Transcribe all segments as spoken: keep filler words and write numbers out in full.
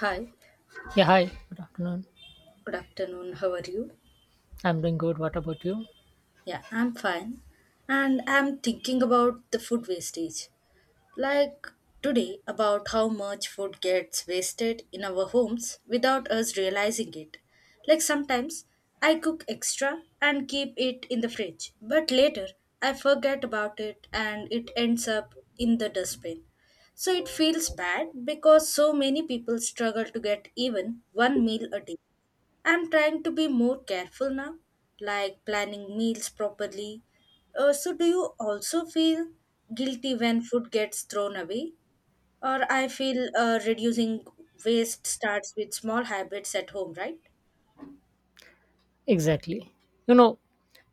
Hi, Yeah, hi. Good afternoon. good afternoon. How are you? I'm doing good. What about you? Yeah, I'm fine. And I'm thinking about the food wastage. Like today, about how much food gets wasted in our homes without us realizing it. Like sometimes I cook extra and keep it in the fridge, but later I forget about it and it ends up in the dustbin. So it feels bad because so many people struggle to get even one meal a day. I'm trying to be more careful now, like planning meals properly. Uh, so, do you also feel guilty when food gets thrown away? Or I feel uh, reducing waste starts with small habits at home, right? Exactly. You know,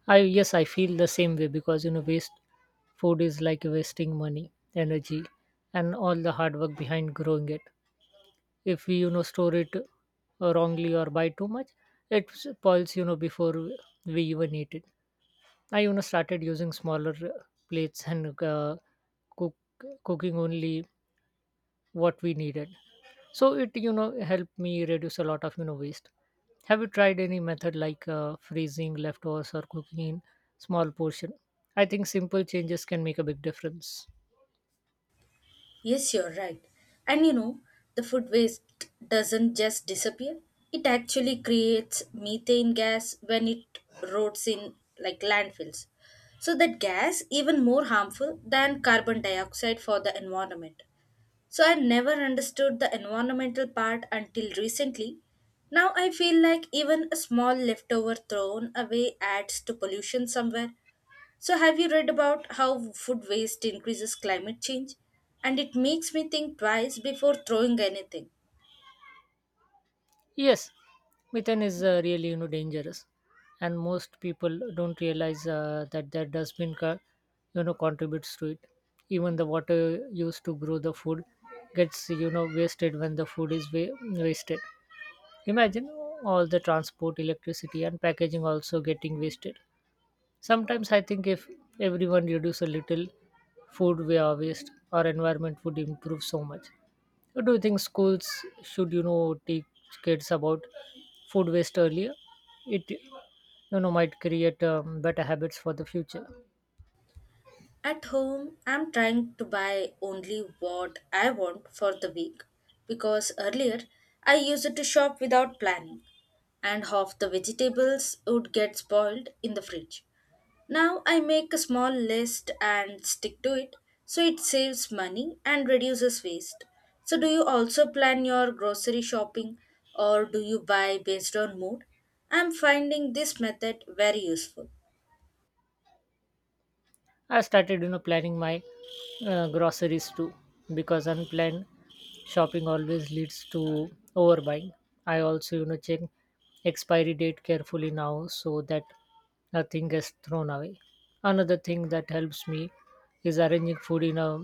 I yes, I feel the same way because you know, waste food is like wasting money, energy, and all the hard work behind growing it. If we you know store it uh, wrongly or buy too much, it spoils you know before we even eat it. I you know started using smaller uh, plates and uh, cook cooking only what we needed, so it you know helped me reduce a lot of you know waste. Have you tried any method like uh, freezing leftovers or cooking in small portion? I think simple changes can make a big difference. Yes, you're right. And you know, the food waste doesn't just disappear. It actually creates methane gas when it rots in like landfills. So that gas even more harmful than carbon dioxide for the environment. So I never understood the environmental part until recently. Now I feel like even a small leftover thrown away adds to pollution somewhere. So have you read about how food waste increases climate change? And it makes me think twice before throwing anything. Yes, methane is uh, really you know dangerous, and most people don't realize uh, that their dustbin car you know contributes to it. Even the water used to grow the food gets you know wasted when the food is wa- wasted. Imagine all the transport, electricity, and packaging also getting wasted. Sometimes I think if everyone reduce a little food we are waste, our environment would improve so much. What do you think schools should, you know, teach kids about food waste earlier? It you know might create um, better habits for the future. At home, I'm trying to buy only what I want for the week because earlier I used to shop without planning and half the vegetables would get spoiled in the fridge. Now I make a small list and stick to it, so it saves money and reduces waste. So, do you also plan your grocery shopping or do you buy based on mood? I'm finding this method very useful. I started, you know, planning my uh, groceries too, because unplanned shopping always leads to overbuying. I also, you know, check expiry date carefully now so that nothing gets thrown away. Another thing that helps me is arranging food in a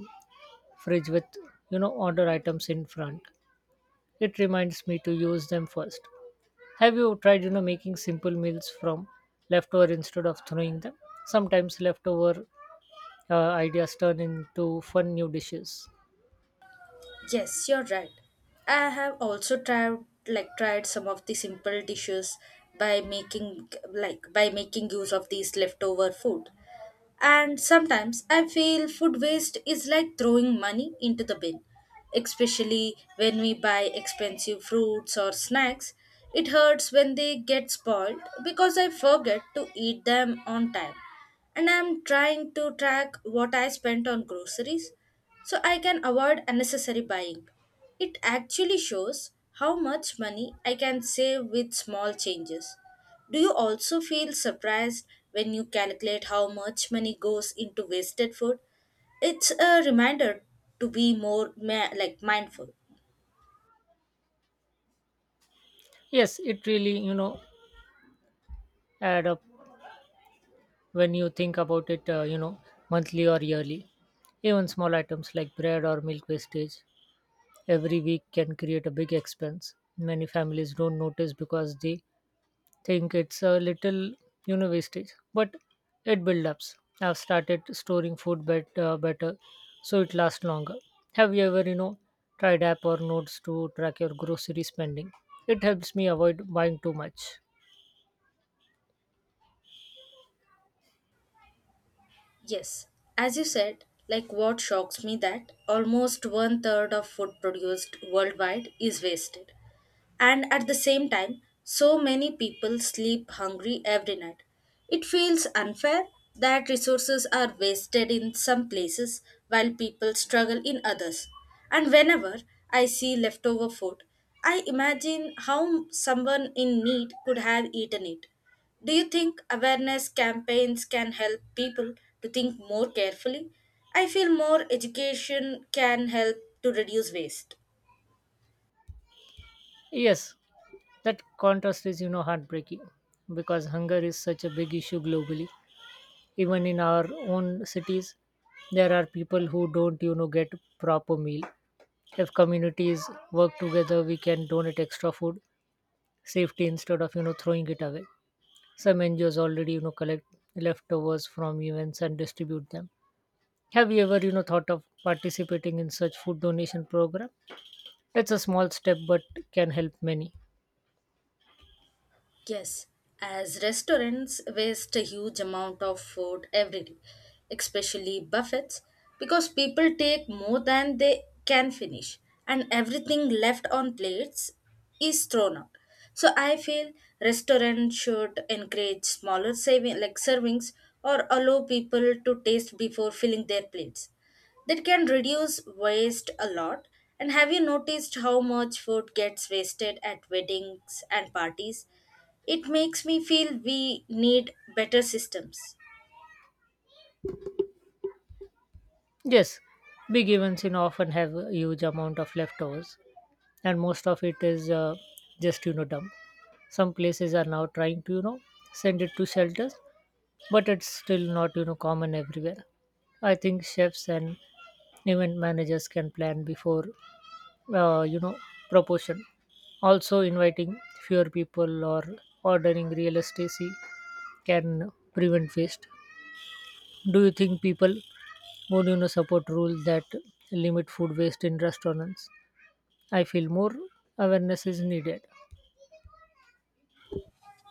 fridge with, you know, order items in front. It reminds me to use them first. Have you tried, you know, making simple meals from leftover instead of throwing them? Sometimes leftover uh, ideas turn into fun new dishes. Yes, you're right. I have also tried like tried some of the simple dishes by making like by making use of these leftover food. And sometimes I feel food waste is like throwing money into the bin, especially when we buy expensive fruits or snacks. It hurts when they get spoiled because I forget to eat them on time. And I'm trying to track what I spent on groceries so I can avoid unnecessary buying. It actually shows how much money I can save with small changes. Do you also feel surprised when you calculate how much money goes into wasted food? It's a reminder to be more ma- like mindful. Yes, it really you know add up when you think about it, uh, you know monthly or yearly. Even small items like bread or milk wastage every week can create a big expense. Many families don't notice because they think it's a little you know wastage, but it builds up. I've started storing food bet, uh, better so it lasts longer. Have you ever you know tried app or notes to track your grocery spending? It helps me avoid buying too much. Yes, as you said, like what shocks me that almost one third of food produced worldwide is wasted. And at the same time, so many people sleep hungry every night. It feels unfair that resources are wasted in some places while people struggle in others. And whenever I see leftover food, I imagine how someone in need could have eaten it. Do you think awareness campaigns can help people to think more carefully? I feel more education can help to reduce waste. Yes, that contrast is you know heartbreaking because hunger is such a big issue globally. Even in our own cities there are people who don't you know get proper meal. If communities work together, we can donate extra food safety instead of you know throwing it away. Some N G Os already you know collect leftovers from events and distribute them. Have you ever you know thought of participating in such food donation program? That's a small step but can help many. Yes, as restaurants waste a huge amount of food every day, especially buffets, because people take more than they can finish, and everything left on plates is thrown out. So I feel restaurants should encourage smaller saving like servings or allow people to taste before filling their plates. That can reduce waste a lot. And have you noticed how much food gets wasted at weddings and parties? It makes me feel we need better systems. Yes, big events you know often have a huge amount of leftovers, and most of it is uh, just you know dump. Some places are now trying to you know send it to shelters, but it's still not you know common everywhere. I think chefs and event managers can plan before, uh, you know proportion. Also, inviting fewer people or ordering real estate can prevent waste. Do you think people would you know support rules that limit food waste in restaurants? I feel more awareness is needed.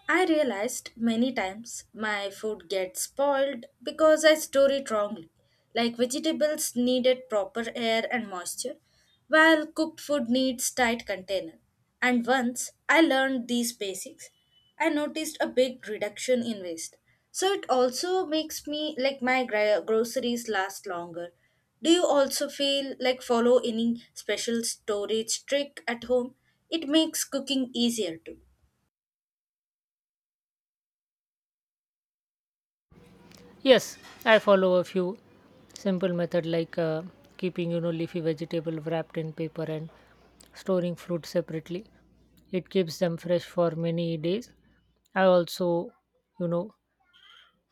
I realized many times my food gets spoiled because I store it wrongly. Like vegetables needed proper air and moisture, while cooked food needs tight container. And once I learned these basics, I noticed a big reduction in waste. So it also makes me like my gro- groceries last longer. Do you also feel like follow any special storage trick at home? It makes cooking easier too. Yes, I follow a few simple method like uh, keeping you know leafy vegetable wrapped in paper and storing fruit separately. It keeps them fresh for many days. I also you know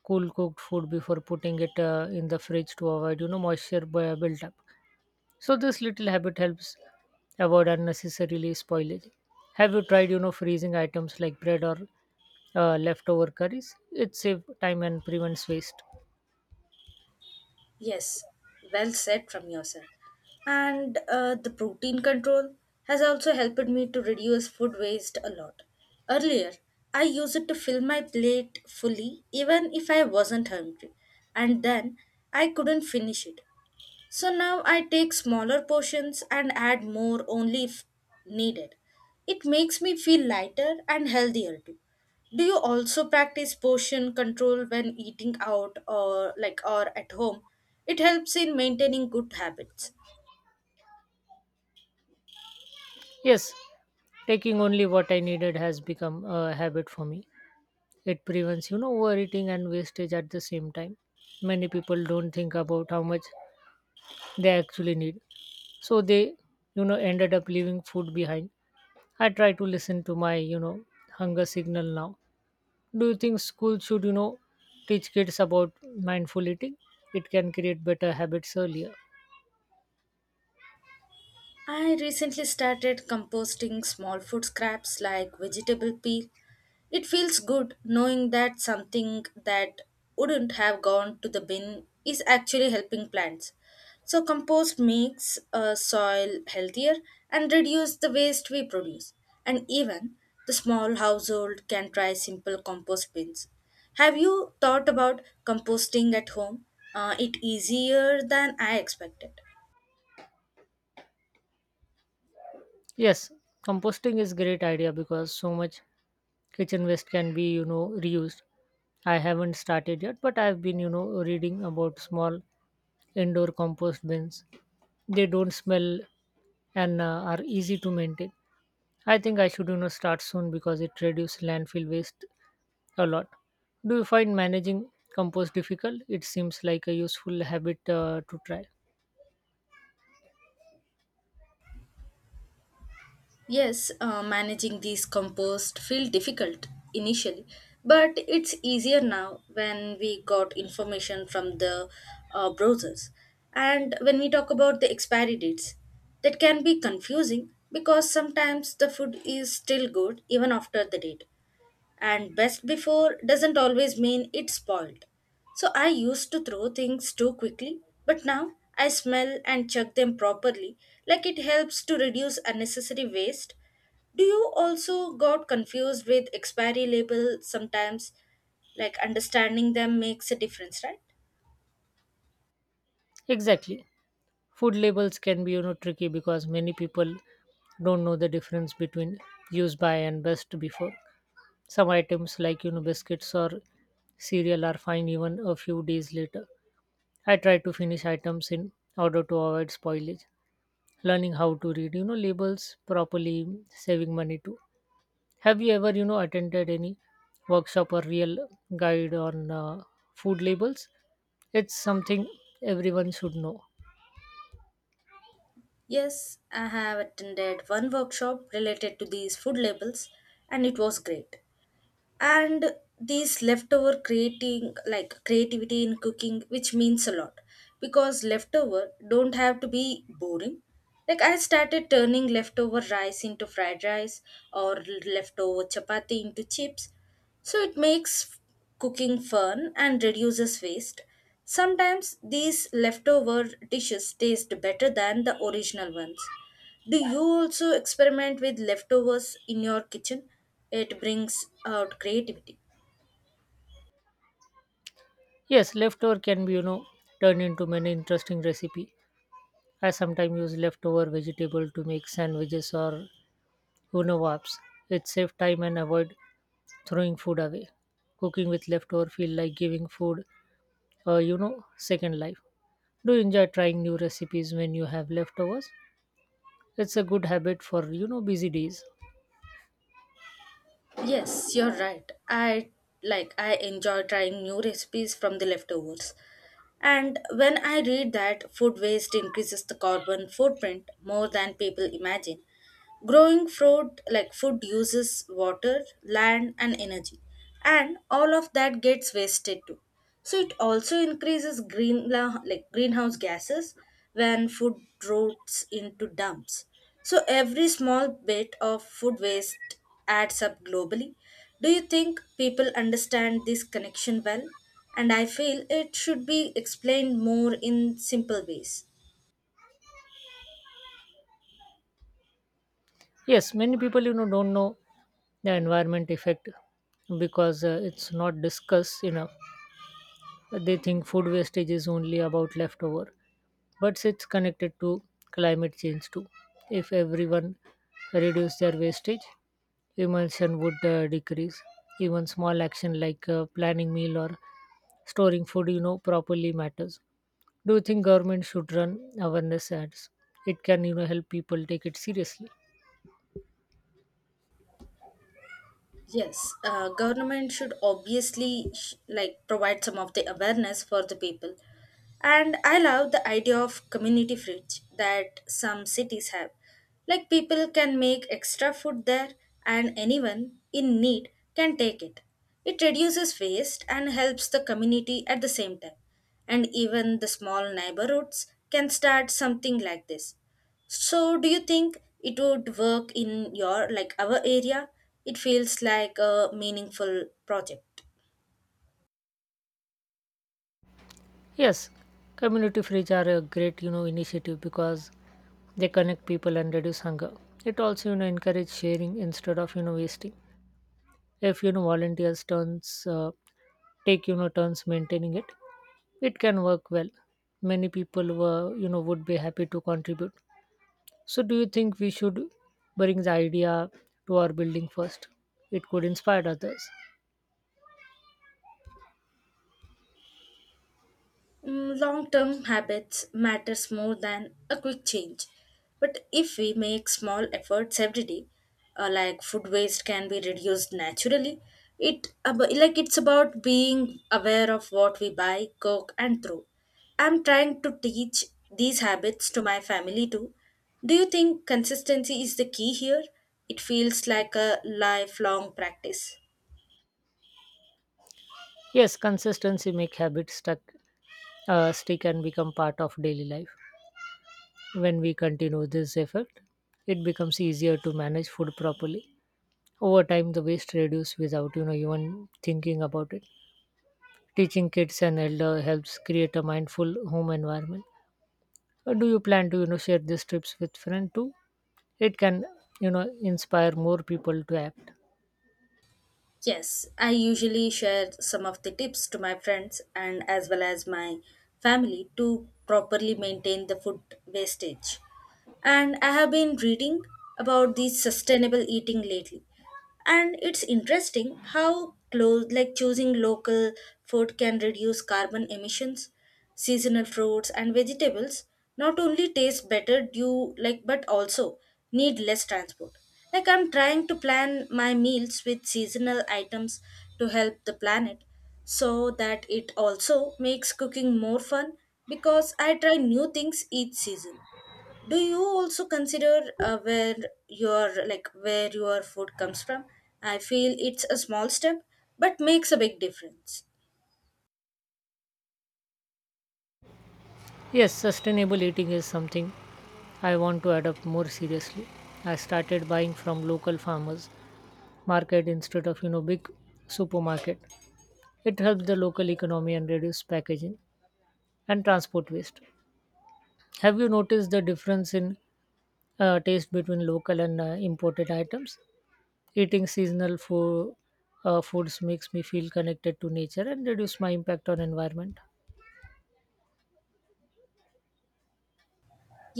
cool cooked food before putting it uh, in the fridge to avoid you know moisture bu- build up. So this little habit helps avoid unnecessarily spoilage. Have you tried you know freezing items like bread or uh, leftover curries? It saves time and prevents waste. Yes, well said from your side. And uh, the protein control has also helped me to reduce food waste a lot. Earlier, I used it to fill my plate fully even if I wasn't hungry, and then I couldn't finish it. So now I take smaller portions and add more only if needed. It makes me feel lighter and healthier too. Do you also practice portion control when eating out or like or at home? It helps in maintaining good habits. Yes, taking only what I needed has become a habit for me. It prevents, you know, overeating and wastage at the same time. Many people don't think about how much they actually need. So they, you know, ended up leaving food behind. I try to listen to my, you know, hunger signal now. Do you think school should, you know, teach kids about mindful eating? It can create better habits earlier. I recently started composting small food scraps like vegetable peel. It feels good knowing that something that wouldn't have gone to the bin is actually helping plants. So, compost makes uh, soil healthier and reduce the waste we produce. And even the small household can try simple compost bins. Have you thought about composting at home? Uh, it easier than I expected. Yes, composting is great idea because so much kitchen waste can be you know reused. I haven't started yet, but I've been you know reading about small indoor compost bins. They don't smell and uh, are easy to maintain. I think I should you know start soon because it reduces landfill waste a lot. Do you find managing compost difficult? It seems like a useful habit uh, to try. Yes, uh, managing these compost feel difficult initially, but it's easier now when we got information from the uh, browsers. And when we talk about the expiry dates, that can be confusing because sometimes the food is still good even after the date and best before doesn't always mean it's spoiled. So I used to throw things too quickly, but now I smell and check them properly, like it helps to reduce unnecessary waste. Do you also got confused with expiry labels sometimes? Like understanding them makes a difference, right? Exactly. Food labels can be you know tricky because many people don't know the difference between used by and best before. Some items like you know biscuits or cereal are fine even a few days later. I try to finish items in order to avoid spoilage. Learning how to read, you know, labels properly, saving money too. Have you ever, you know, attended any workshop or real guide on uh, food labels? It's something everyone should know. Yes, I have attended one workshop related to these food labels and it was great. And these leftover creating like creativity in cooking which means a lot because leftover don't have to be boring, like I started turning leftover rice into fried rice or leftover chapati into chips, so it makes cooking fun and reduces waste. Sometimes these leftover dishes taste better than the original ones. Do you also experiment with leftovers in your kitchen? It brings out creativity. Yes, leftover can be, you know, turned into many interesting recipe. I sometimes use leftover vegetable to make sandwiches or Unawabs. It saves time and avoid throwing food away. Cooking with leftover feel like giving food, uh, you know, second life. Do you enjoy trying new recipes when you have leftovers? It's a good habit for you know busy days. Yes, you're right. I like I enjoy trying new recipes from the leftovers. And when I read that food waste increases the carbon footprint more than people imagine, growing fruit like food uses water, land and energy and all of that gets wasted too. So it also increases green like greenhouse gases when food rots into dumps. So every small bit of food waste adds up globally. Do you think people understand this connection well? And I feel it should be explained more in simple ways. Yes, many people you know don't know the environment effect because uh, it's not discussed enough. They think food wastage is only about leftover, but it's connected to climate change too. If everyone reduced their wastage, emulsion would uh, decrease. Even small action like uh, planning meal or storing food, you know, properly matters. Do you think government should run awareness ads? It can, you know, help people take it seriously. Yes, uh, government should obviously sh- like provide some of the awareness for the people. And I love the idea of community fridge that some cities have. Like people can make extra food there and anyone in need can take it. It reduces waste and helps the community at the same time. And even the small neighborhoods can start something like this. So, do you think it would work in your like our area? It feels like a meaningful project. Yes, community fridge are a great you know initiative because they connect people and reduce hunger. It also you know encourage sharing instead of you know wasting. If you know volunteers turns uh, take you know turns maintaining it, it can work well. Many people were you know would be happy to contribute. So do you think we should bring the idea to our building first? It could inspire others. Long term habits matters more than a quick change. But if we make small efforts every day, uh, like food waste can be reduced naturally. It ab- like it's about being aware of what we buy, cook and throw. I'm trying to teach these habits to my family too. Do you think consistency is the key here? It feels like a lifelong practice. Yes, consistency make habits stuck uh, stick and become part of daily life. When we continue this effect, it becomes easier to manage food properly. Over time, the waste reduces without you know even thinking about it. Teaching kids and elder helps create a mindful home environment. Uh, Do you plan to you know share these tips with friends too? It can you know inspire more people to act. Yes, I usually share some of the tips to my friends and as well as my family to properly maintain the food wastage, and I have been reading about the sustainable eating lately. And it's interesting how close like choosing local food can reduce carbon emissions. Seasonal fruits and vegetables not only taste better due like but also need less transport. Like I'm trying to plan my meals with seasonal items to help the planet, so that it also makes cooking more fun because I try new things each season. Do you also consider uh, where your like where your food comes from? I feel it's a small step but makes a big difference. Yes, sustainable eating is something I want to adopt more seriously. I started buying from local farmers market instead of you know big supermarket. It helps the local economy and reduce packaging and transport waste. Have you noticed the difference in uh, taste between local and uh, imported items? Eating seasonal food, uh, foods makes me feel connected to nature and reduce my impact on environment.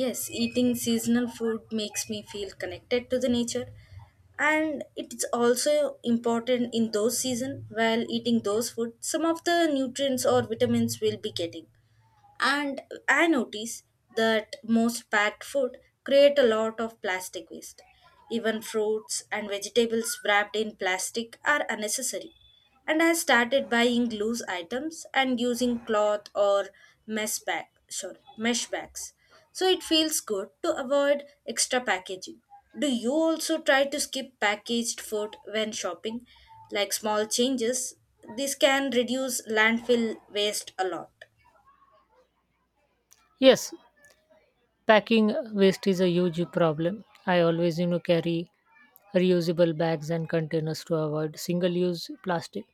Yes, eating seasonal food makes me feel connected to the nature, and it's also important in those season while eating those food some of the nutrients or vitamins we'll be getting. And I notice that most packed food create a lot of plastic waste. Even fruits and vegetables wrapped in plastic are unnecessary. And I started buying loose items and using cloth or mesh bag, sorry, mesh bags. So it feels good to avoid extra packaging. Do you also try to skip packaged food when shopping? Like small changes, this can reduce landfill waste a lot. Yes, packing waste is a huge problem. I always you know carry reusable bags and containers to avoid single-use plastic.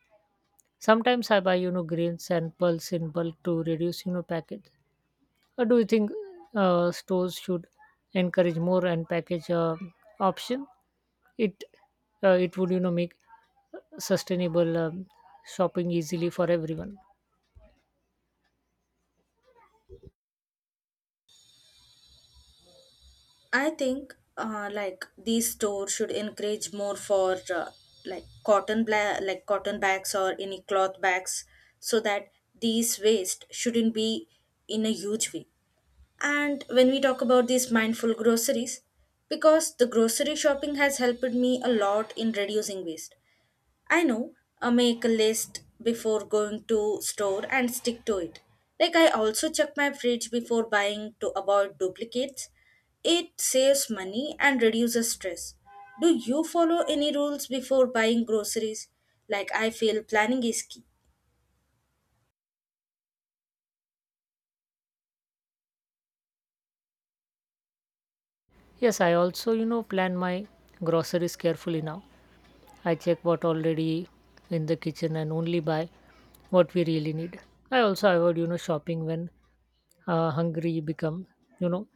Sometimes I buy you know grains and pulse in bulk to reduce you know package. Uh, do you think uh, stores should encourage more and package uh, option? It uh, it would you know make sustainable um, shopping easily for everyone. I think uh, like these stores should encourage more for uh, like cotton bla- like cotton bags or any cloth bags so that these waste shouldn't be in a huge way. And when we talk about these mindful groceries, because the grocery shopping has helped me a lot in reducing waste. I know, uh, make a list before going to store and stick to it. Like I also check my fridge before buying to avoid duplicates. It saves money and reduces stress. Do you follow any rules before buying groceries? Like I feel planning is key. Yes, I also you know plan my groceries carefully now. I check what already in the kitchen and only buy what we really need. I also avoid you know shopping when uh, hungry become you know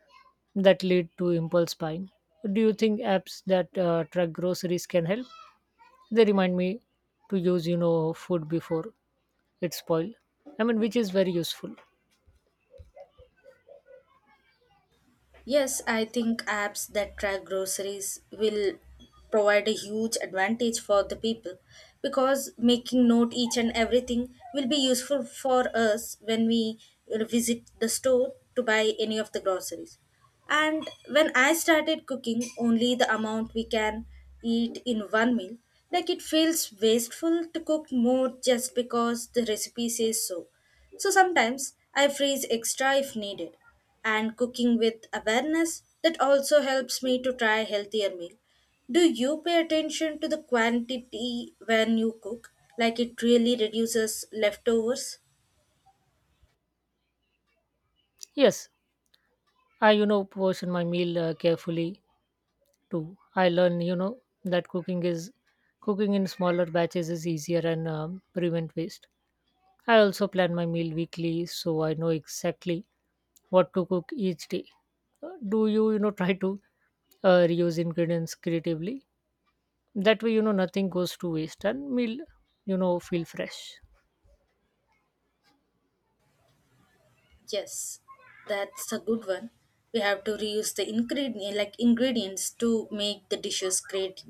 that lead to impulse buying. Do you think apps that uh, track groceries can help? They remind me to use, you know, food before it spoil. I mean, which is very useful. Yes, I think apps that track groceries will provide a huge advantage for the people because making note each and everything will be useful for us when we uh, visit the store to buy any of the groceries. And when I started cooking only the amount we can eat in one meal, like, it feels wasteful to cook more just because the recipe says so. So sometimes I freeze extra if needed. And cooking with awareness, that also helps me to try healthier meal. Do you pay attention to the quantity when you cook? Like it really reduces leftovers? Yes, I, you know, portion my meal uh, carefully too. I learn, you know, that cooking is cooking in smaller batches is easier and um, prevent waste. I also plan my meal weekly so I know exactly what to cook each day. Uh, Do you, you know, try to uh, reuse ingredients creatively? That way, you know, nothing goes to waste and meal, you know, feel fresh. Yes, that's a good one. We have to reuse the ingredient, like ingredients, to make the dishes great.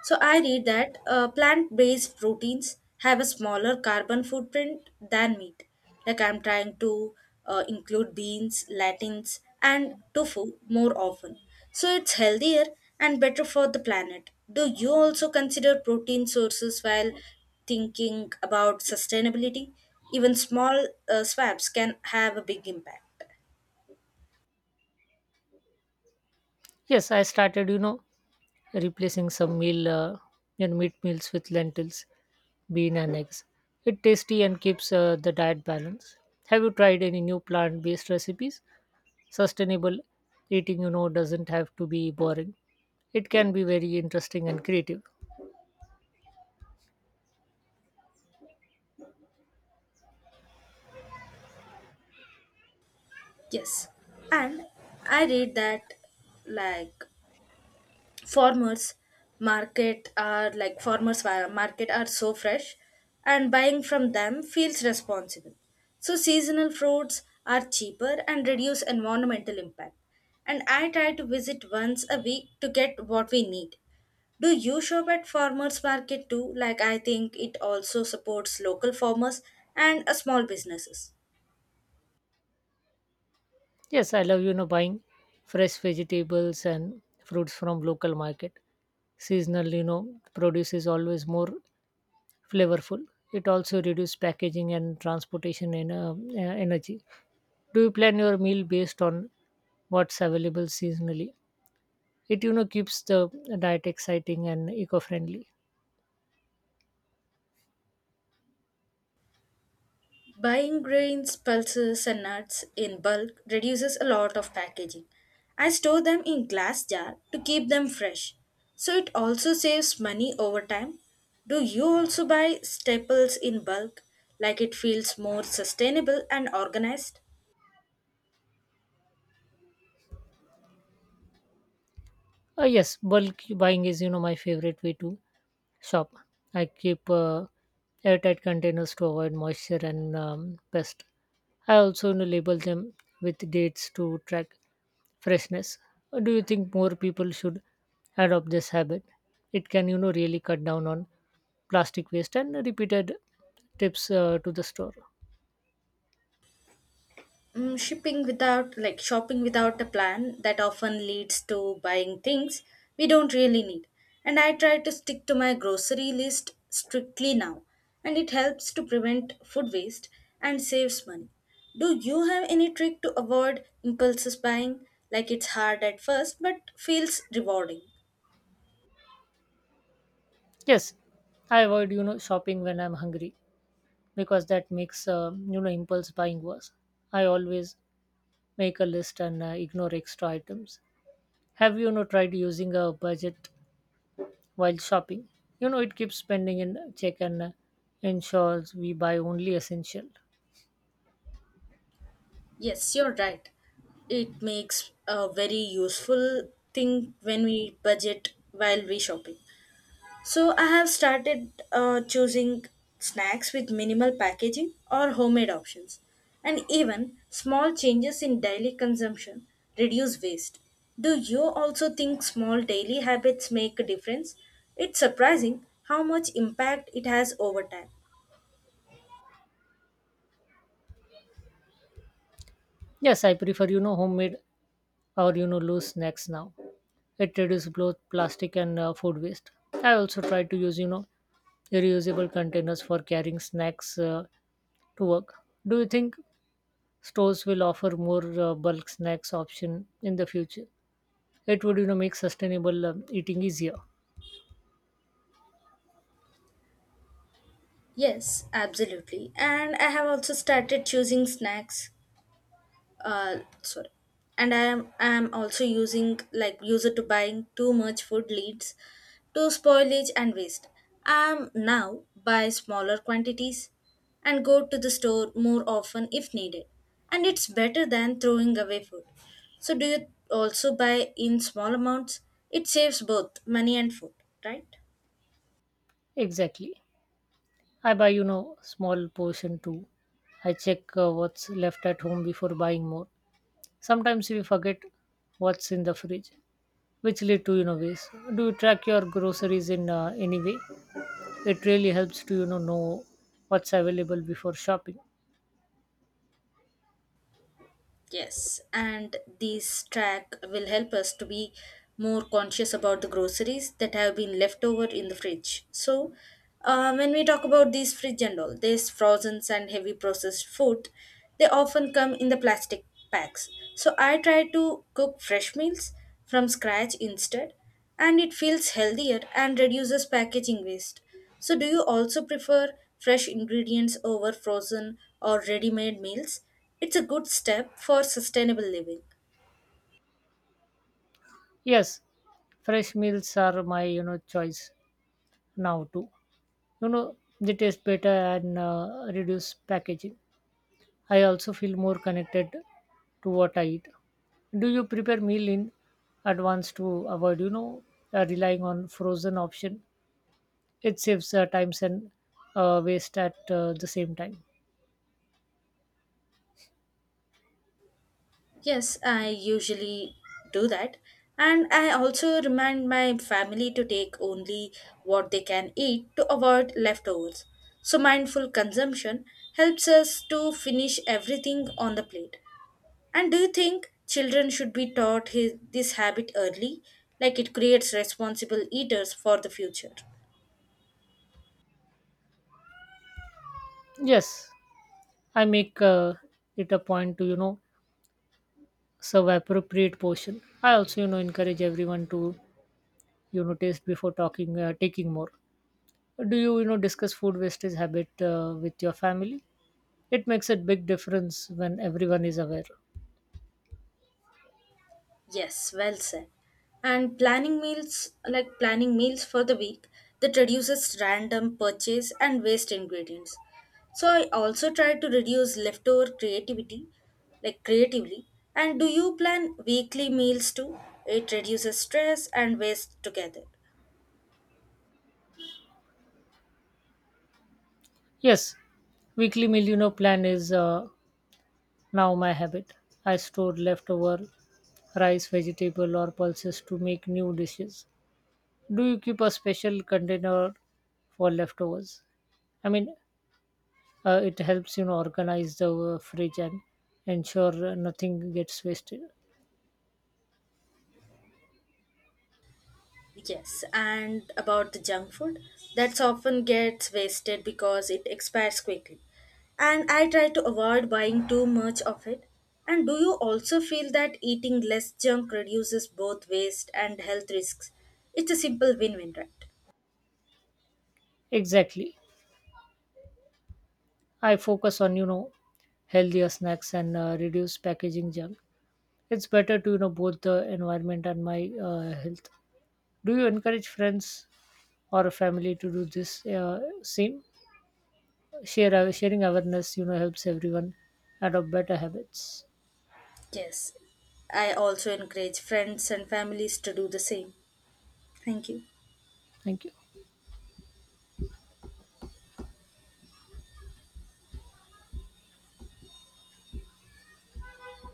So I read that uh, plant-based proteins have a smaller carbon footprint than meat. Like I'm trying to uh, include beans, lentils, and tofu more often. So it's healthier and better for the planet. Do you also consider protein sources while thinking about sustainability? Even small uh, swabs can have a big impact. Yes, I started, you know, replacing some meal uh, and meat meals with lentils, bean and eggs. It tasty and keeps uh, the diet balance. Have you tried any new plant-based recipes? Sustainable eating, you know, doesn't have to be boring. It can be very interesting and creative. Yes. And I read that, like, farmers market are like farmers wa- market are so fresh and buying from them feels responsible. So seasonal fruits are cheaper and reduce environmental impact, and I try to visit once a week to get what we need. Do you shop at farmers market too? Like, I think it also supports local farmers and uh, small businesses. Yes, I love, you know, buying fresh vegetables and fruits from local market. Seasonal, you know, produce is always more flavorful. It also reduces packaging and transportation en- uh, uh, energy. Do you plan your meal based on what's available seasonally? It you know keeps the diet exciting and eco-friendly. Buying grains, pulses, and nuts in bulk reduces a lot of packaging. I store them in glass jar to keep them fresh. So it also saves money over time. Do you also buy staples in bulk? Like it feels more sustainable and organized? Uh, yes, bulk buying is you know my favorite way to shop. I keep uh, airtight containers to avoid moisture and um, pest. I also you know, label them with dates to track freshness. Uh, Do you think more people should adopt this habit? It can you know really cut down on plastic waste and repeated trips uh, to the store. Mm, shipping without like shopping without a plan, that often leads to buying things we don't really need. And I try to stick to my grocery list strictly now, and it helps to prevent food waste and saves money. Do you have any trick to avoid impulses buying? Like, it's hard at first but feels rewarding. Yes, I avoid you know shopping when I'm hungry because that makes uh, you know impulse buying worse. I always make a list and uh, ignore extra items. Have you, you know tried using a budget while shopping? You know it keeps spending in check and uh, ensures we buy only essential. Yes, you're right. It makes a very useful thing when we budget while we shopping. So I have started uh, choosing snacks with minimal packaging or homemade options. And even small changes in daily consumption reduce waste. Do you also think small daily habits make a difference? It's surprising how much impact it has over time. Yes, I prefer you know homemade or you know loose snacks now. It reduces both plastic and uh, food waste. I also try to use you know reusable containers for carrying snacks uh, to work. Do you think stores will offer more uh, bulk snacks option in the future? It would you know make sustainable um, eating easier. Yes, absolutely. And I have also started choosing snacks, uh, sorry, and i am i am also using, like, user to buying too much food leads to spoilage and waste. I am now buy smaller quantities and go to the store more often if needed, and it's better than throwing away food. So do you also buy in small amounts? It saves both money and food, right? Exactly. I buy, you know, small portion too. I check uh, what's left at home before buying more. Sometimes we forget what's in the fridge, which lead to, you know, waste. Do you track your groceries in uh, any way? It really helps to, you know, know what's available before shopping. Yes, and this track will help us to be more conscious about the groceries that have been left over in the fridge. So, uh, when we talk about these fridge and all, these frozen and heavy processed food, they often come in the plastic packs. So, I try to cook fresh meals from scratch instead, and it feels healthier and reduces packaging waste. So, do you also prefer fresh ingredients over frozen or ready made meals? It's a good step for sustainable living. Yes, fresh meals are my, you know, choice now too. You know, they taste better and uh, reduce packaging. I also feel more connected to what I eat. Do you prepare meal in advance to avoid, you know, uh, relying on frozen option? It saves uh, time and uh, waste at uh, the same time. Yes, I usually do that. And I also remind my family to take only what they can eat to avoid leftovers. So, mindful consumption helps us to finish everything on the plate. And do you think children should be taught his, this habit early? Like it creates responsible eaters for the future. Yes, I make uh, it a point to, you know, serve appropriate portion. I also, you know, encourage everyone to, you know, taste before talking, uh, taking more. Do you, you know, discuss food wastage habit uh, with your family? It makes a big difference when everyone is aware. Yes, well said. And planning meals, like planning meals for the week, that reduces random purchase and waste ingredients. So I also try to reduce leftover creativity, like creatively. And do you plan weekly meals too? It reduces stress and waste together. Yes, weekly meal you know plan is uh, now my habit. I store leftover rice, vegetable or pulses to make new dishes. Do you keep a special container for leftovers? I mean, uh, it helps you know organize the uh, fridge and ensure uh, nothing gets wasted. Yes, and about the junk food, that's often gets wasted because it expires quickly. And I try to avoid buying too much of it. And do you also feel that eating less junk reduces both waste and health risks? It's a simple win win, right? Exactly. I focus on you know healthier snacks and uh, reduce packaging junk. It's better to you know both the environment and my uh, health. Do you encourage friends or a family to do this uh, same share uh, sharing awareness? You know helps everyone adopt better habits. Yes, I also encourage friends and families to do the same. Thank you. Thank you.